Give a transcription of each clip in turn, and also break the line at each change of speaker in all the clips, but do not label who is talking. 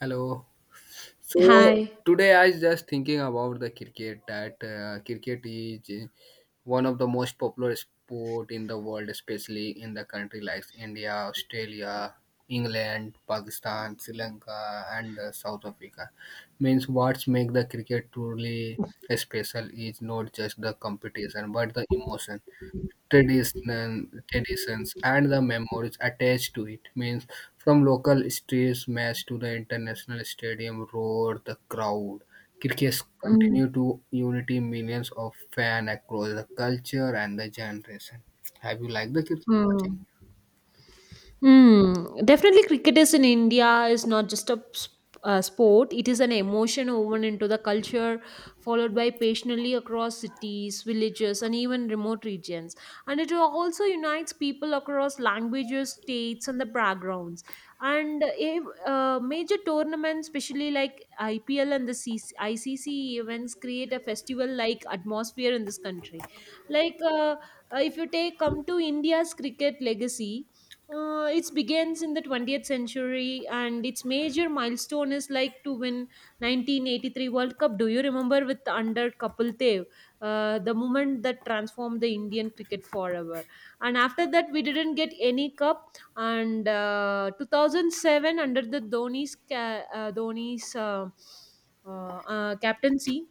Hello. So
Hi.
today I was just thinking about the cricket that cricket is one of the most popular sport in the world, especially in the country like India, Australia, England, Pakistan, Sri Lanka, and South Africa. Means what make the cricket truly special is not just the competition but the emotion traditional traditions and the memories attached to it means from local streets match to the international stadium roar the crowd crickets
Mm,
continue to unity millions of fans across the culture and the generation have you liked the cricket watching.
mm. Hmm. Definitely, cricket is in India is not just a sport. It is an emotion woven into the culture, followed by passionately across cities, villages, and even remote regions. And it also unites people across languages, states, and the backgrounds. And if, major tournaments, especially like IPL and the CC, ICC events, create a festival-like atmosphere in this country. Like if you take come to India's cricket legacy, it begins in the 20th century, and its major milestone is like to win 1983 World Cup. Do you remember, with under Kapil Dev? The moment that transformed the Indian cricket forever. And after that, we didn't get any cup. And 2007, under the Dhoni's captaincy.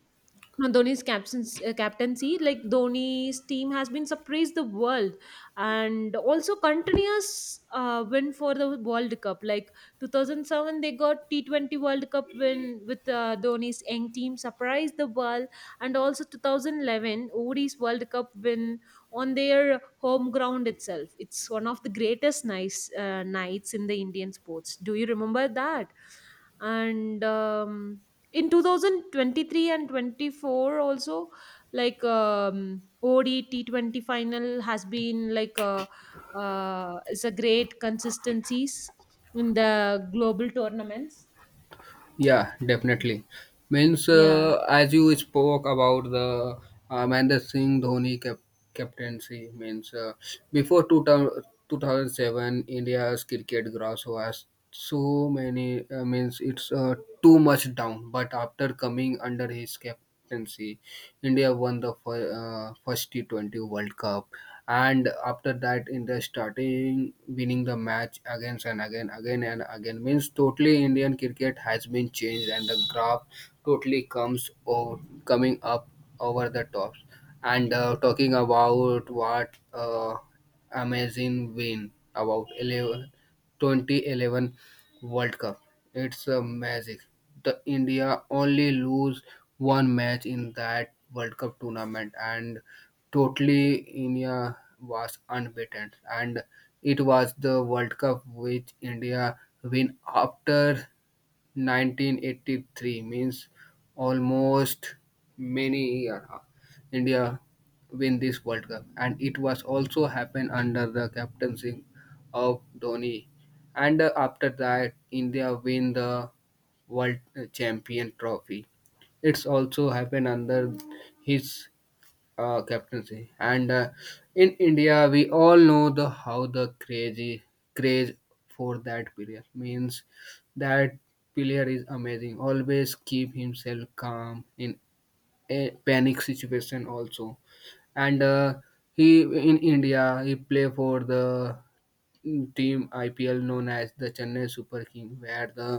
Captaincy, like Dhoni's team has been surprised the world, and also continuous win for the World Cup. Like 2007, they got T20 World Cup win with Dhoni's young team, surprised the world, and also 2011 ODI's World Cup win on their home ground itself. It's one of the greatest nice nights in the Indian sports. Do you remember that? And in 2023 and 24 also, like odt 20 final has been like it's a great consistencies in the global tournaments.
Yeah, definitely. Means
Yeah.
as you spoke about the Mahendra Singh Dhoni captaincy, means before two thou- 2007, India's cricket gross was so many. Means it's too much down, but after coming under his captaincy, India won the first T20 World Cup, and after that, India starting winning the match again and again, again and again. Means totally Indian cricket has been changed, and the graph totally comes over, coming up over the tops. And talking about what amazing win about 11 2011 World Cup. It's a magic. The India only lose one match in that World Cup tournament, and totally India was unbeaten. And it was the World Cup which India win after 1983, means almost many year India win this World Cup, and it was also happened under the captaincy of Dhoni. And after that, India win the World Champion Trophy. It's also happened under his captaincy and in india we all know the how the crazy craze for that player means that player is amazing, always keep himself calm in a panic situation also. And he in india he play for the team ipl known as the chennai super king where the,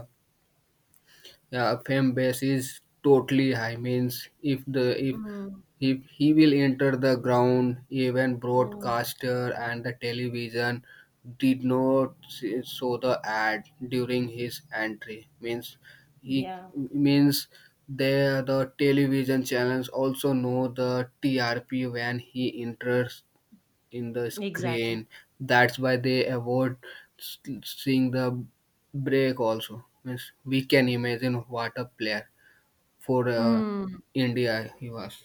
yeah, fan base is totally high. Means
Mm,
if he will enter the ground, even
mm.
broadcaster and the television did not show the ad during his entry. Means he
Yeah,
means they the television channels also know the TRP when he enters in the
exactly.
screen. That's why they avoid s- seeing the break also. Means we can imagine what a player for
Mm.
India he was.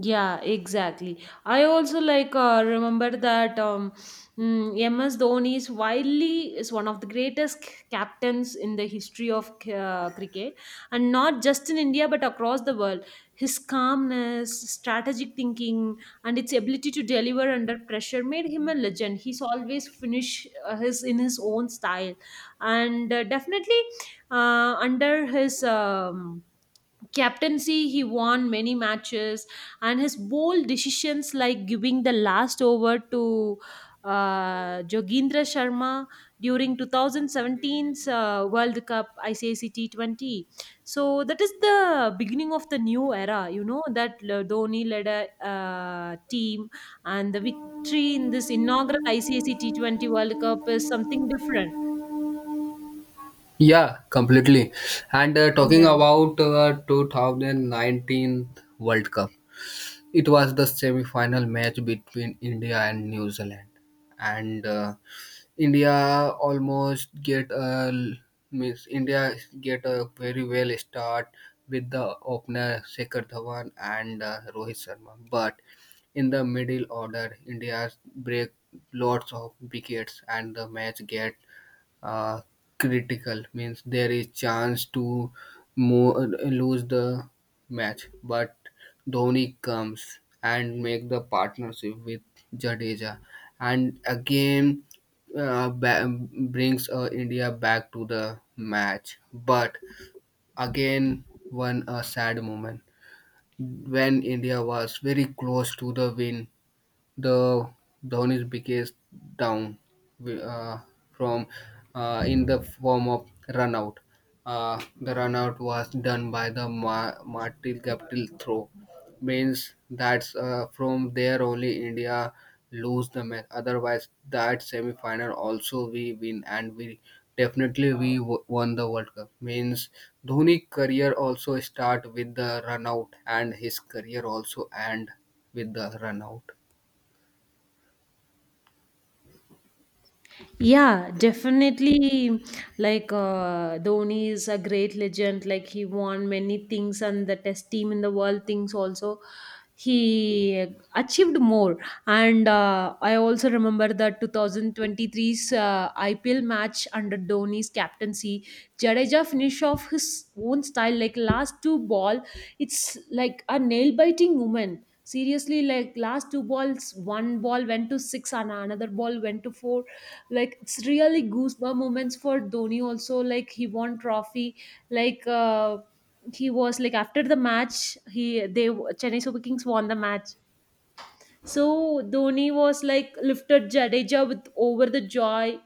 Yeah, exactly. I also like remember that. MS Dhoni is one of the greatest captains in the history of cricket, and not just in India but across the world. His calmness, strategic thinking, and its ability to deliver under pressure made him a legend. He's always finish his in his own style, and definitely, under his captaincy, he won many matches, and his bold decisions, like giving the last over to Jogendra Sharma during 2017's World Cup ICC T20. So that is the beginning of the new era, you know, that Dhoni led a team, and the victory in this inaugural ICC T20 World Cup is something different.
Yeah, completely. And talking
Yeah.
about 2019 World Cup, it was the semi-final match between India and New Zealand, and India almost get a, means India get a very well start with the opener Shikhar Dhawan and Rohit Sharma, but in the middle order, India break lots of wickets and the match get uh, critical, means there is chance to lose the match but Dhoni comes and make the partnership with Jadeja and again brings India back to the match but again one a sad moment when India was very close to the win, the Dhoni's biggest down uh, from in the form of runout. The run out was done by the Martil Capital throw. Means that's from there only India lose the match. Otherwise, that semi-final also we win and we definitely we won the World Cup. Means Dhoni career also start with the run out and his career also end with the run out.
Yeah, definitely. Like Dhoni is a great legend. Like he won many things, and the test team in the world things also. He achieved more, and I also remember the 2023's IPL match under Dhoni's captaincy. Jadeja finished off his own style, like last two ball. It's like a nail biting moment. Seriously, like last two balls, one ball went to six and another ball went to four, like it's really goosebump moments for Dhoni also, like he won trophy. Like he was like, after the match, he they, Chennai Super Kings, won the match. So Dhoni was like lifted Jadeja with over the joy,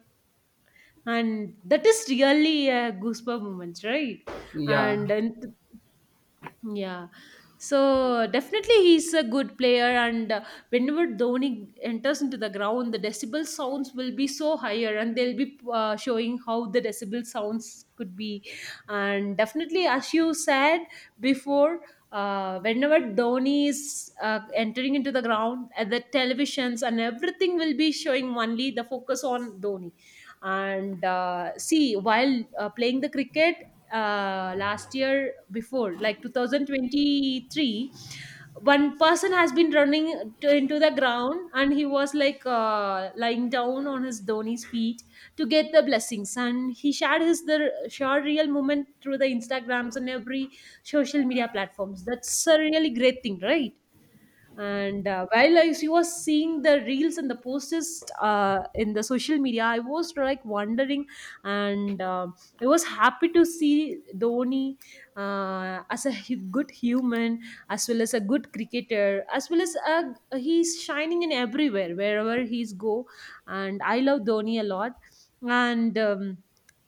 and that is really a goosebump moment, right?
Yeah.
And yeah. So definitely he's a good player. And whenever Dhoni enters into the ground, the decibel sounds will be so higher, and they'll be showing how the decibel sounds could be. And definitely, as you said before, whenever Dhoni is entering into the ground, the televisions and everything will be showing only the focus on Dhoni. And see, while playing the cricket, last year before, like 2023, one person has been running into the ground, and he was like lying down on his dhoni's feet to get the blessings. And he shared his the sure real moment through the Instagrams and every social media platforms. That's a really great thing, right? And while I was seeing the reels and the posts in the social media, I was like wondering. And I was happy to see Dhoni as a good human, as well as a good cricketer, as well as a, he's shining in everywhere wherever he's go, and I love Dhoni a lot. And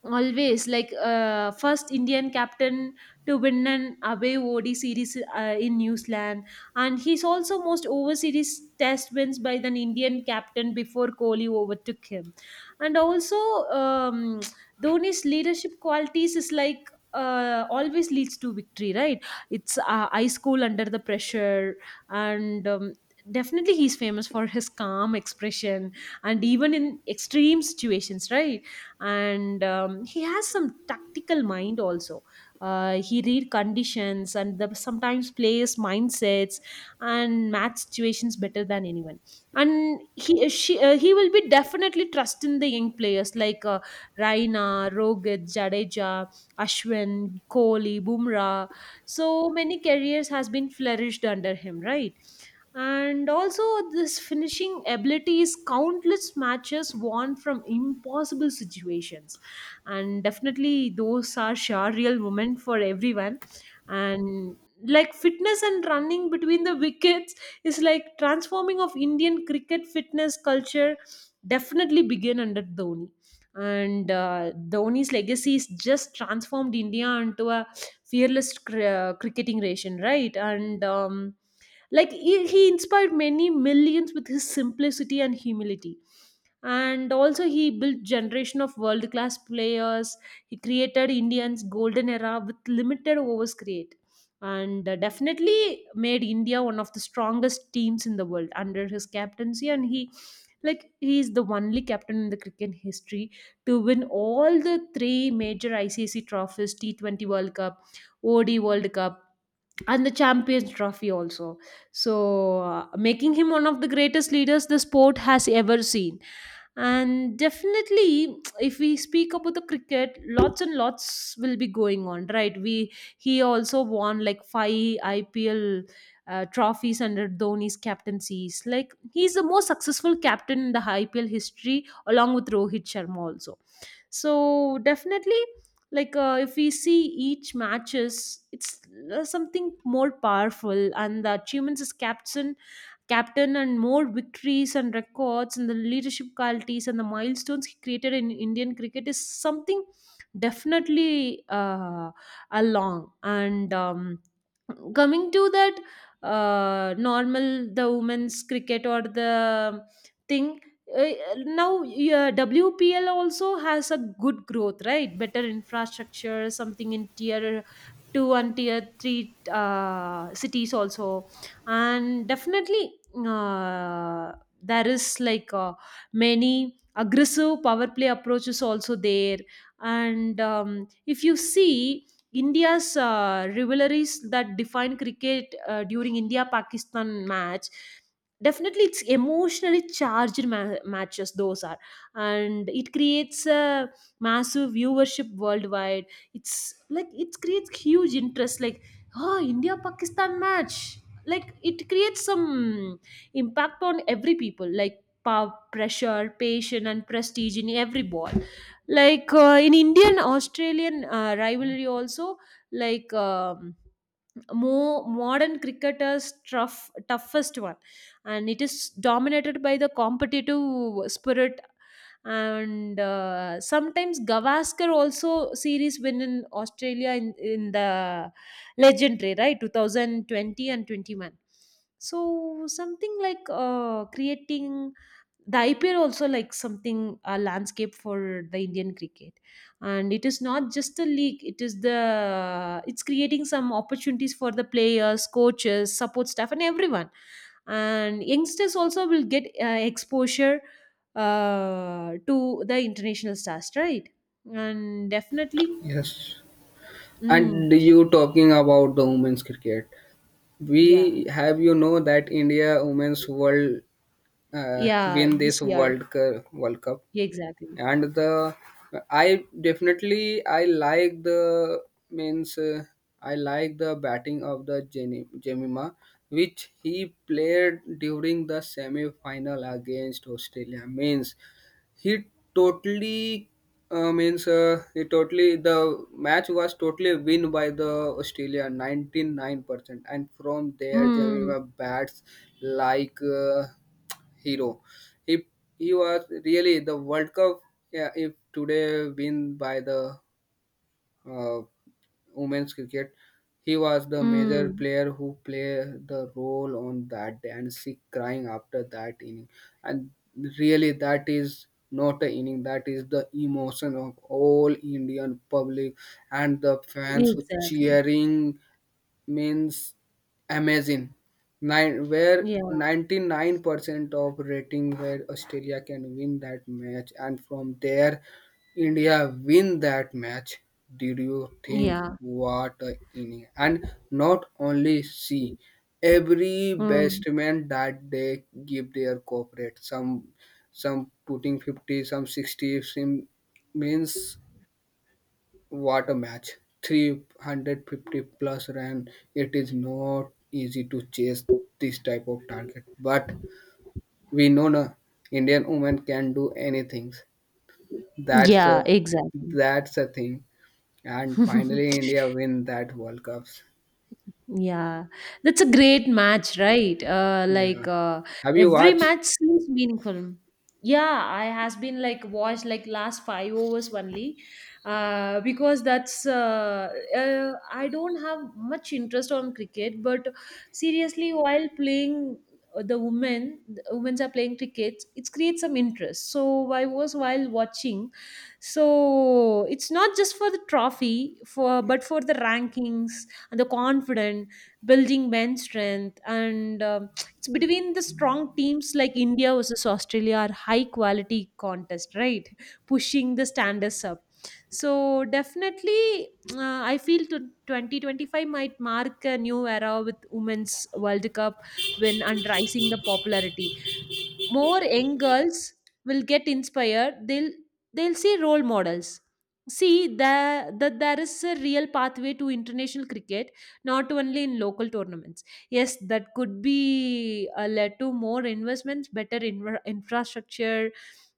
always, like, first Indian captain to win an away ODI series in New Zealand, and he's also most overseas test wins by an Indian captain before Kohli overtook him. And also, um, Dhoni's leadership qualities is like, always leads to victory, right? It's ice cool under the pressure, and definitely he's famous for his calm expression and even in extreme situations, right? And he has some tactical mind also. He read conditions and sometimes players mindsets and math situations better than anyone, and he will be definitely trusting the young players like Raina, Rohit, Jadeja, Ashwin, Kohli, Bumrah. So many careers has been flourished under him, right? And also, this finishing ability is countless matches won from impossible situations, and definitely those are sure real women for everyone. And like fitness and running between the wickets is like transforming of Indian cricket fitness culture, definitely begin under Dhoni. And Dhoni's legacy is just transformed India into a fearless cricketing nation, right? And like he inspired many millions with his simplicity and humility. And also he built generation of world class players. He created Indians golden era with limited overs create, and definitely made India one of the strongest teams in the world under his captaincy. And he is the only captain in the cricket history to win all the three major ICC trophies: T20 World Cup, OD World Cup, and the Champions Trophy also. So, making him one of the greatest leaders the sport has ever seen. And definitely, if we speak about the cricket, lots and lots will be going on, right? We He also won like five IPL trophies under Dhoni's captaincies. Like he's the most successful captain in the IPL history, along with Rohit Sharma also. So definitely, like if we see each matches, it's something more powerful, and the achievements as captain, and more victories and records and the leadership qualities and the milestones he created in Indian cricket is something. Definitely along, and coming to that normal, the women's cricket or the thing. uh, Now, yeah, WPL also has a good growth, right? Better infrastructure something in tier 2 and tier 3 cities also. And definitely, uh, there is like, many aggressive power play approaches also there. And if you see India's rivalries that define cricket, during India Pakistan match, definitely it's emotionally charged matches those are, and it creates a massive viewership worldwide. It's like it creates huge interest, like, oh, India Pakistan match. Like it creates some impact on every people, like power, pressure, passion, and prestige in every ball. Like in Indian Australian rivalry also, like more modern cricketers toughest one, and it is dominated by the competitive spirit. And sometimes Gavaskar also series win in Australia, in the legendary right 2020 and 21. So something like creating the IPL also, like something, a landscape for the Indian cricket, and it is not just a league. It is the it's creating some opportunities for the players, coaches, support staff, and everyone. And youngsters also will get exposure to the international stars, right? And definitely,
Yes, and
mm,
you talking about the women's cricket.
yeah,
We have you know that India women's world
yeah,
win this
this year,
World Cup,
yeah, exactly.
and the, I definitely I like the, means I like the batting of the Jenny Jemima, which he played during the semi final against Australia. Means he totally, means he totally the match was totally win by the Australia 99% and from there
Mm,
Jamima bats like hero. He he was really the World Cup, yeah, if today win by the uh, women's cricket. He was the major
mm,
player who played the role on that day and she crying after that inning. And really, that is not an inning, that is the emotion of all Indian public and the fans who
exactly.
cheering means amazing. Nine, where
Yeah,
99% of rating where Australia can win that match, and from there, India win that match. Did you think
yeah.
what a inning? And not only see every
Mm.
batsman that they give their corporate some putting 50, some 60, some means what a match. 350 plus run. It is not easy to chase this type of target. But we know na, Indian women can do anything. That's a,
Yeah, exactly.
that's a thing. And finally India win that World Cups.
Yeah, that's a great match, right? Like
Yeah. Have you
every
watched?
match seems meaningful. Yeah, I has been like watched like last five overs only, because that's I don't have much interest on cricket. But seriously, while playing the women's are playing cricket, it creates some interest. So I was while watching, so it's not just for the trophy for but for the rankings and the confident, building men's strength. And it's between the strong teams like India versus Australia are high quality contest, right? Pushing the standards up. So definitely, I feel 2025 might mark a new era with Women's World Cup win and rising the popularity. More young girls will get inspired. They'll see role models, see that there is a real pathway to international cricket, not only in local tournaments. Yes, that could be led to more investments, better inver infrastructure,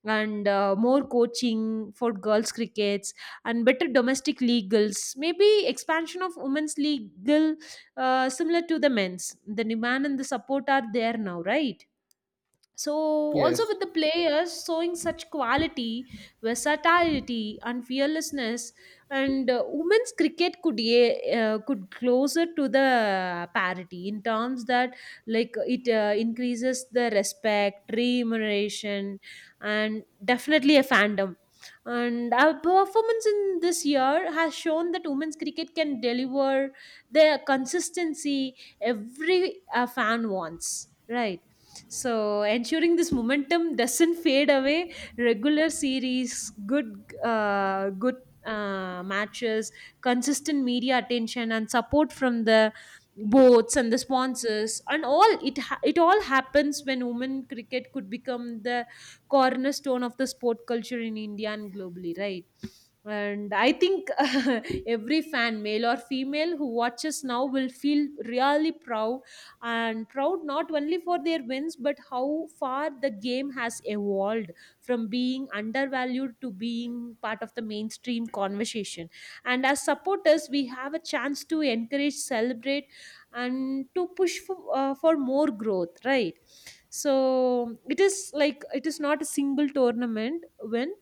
and more coaching for girls crickets, and better domestic legals. Maybe expansion of women's legal, similar to the men's. The demand and the support are there now, right? So, also
Yes.
with the players showing such quality, versatility, and fearlessness, and women's cricket could closer to the parity in terms that, like, it increases the respect, remuneration, and definitely a fandom. And our performance in this year has shown that women's cricket can deliver the consistency every fan wants, right? So, ensuring this momentum doesn't fade away, regular series, good matches, consistent media attention, and support from the boards and the sponsors, and all it all happens when women cricket could become the cornerstone of the sport culture in India and globally, right? And I think every fan, male or female, who watches now will feel really proud, and proud not only for their wins but how far the game has evolved from being undervalued to being part of the mainstream conversation. And as supporters, we have a chance to encourage, celebrate, and to push for more growth, right? So it is like it is not a single tournament win,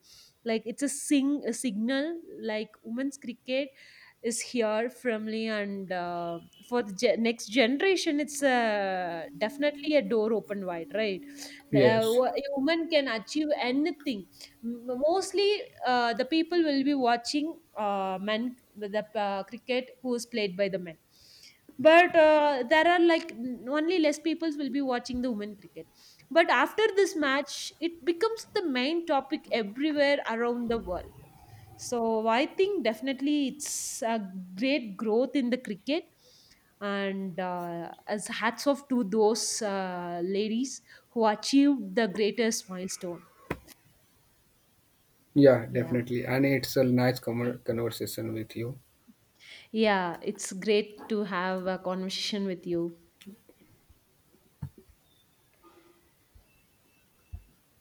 like it's a signal, like women's cricket is here firmly. And for the next generation, it's definitely a door open wide, right?
Yes.
A woman can achieve anything. Mostly the people will be watching men, the cricket who is played by the men. But there are like only less people will be watching the women cricket. But after this match, it becomes the main topic everywhere around the world. So I think definitely it's a great growth in the cricket. And as hats off to those ladies who achieved the greatest milestone.
Yeah,
Yeah,
definitely. And it's a nice conversation with you.
yeah, it's great to have a conversation with you.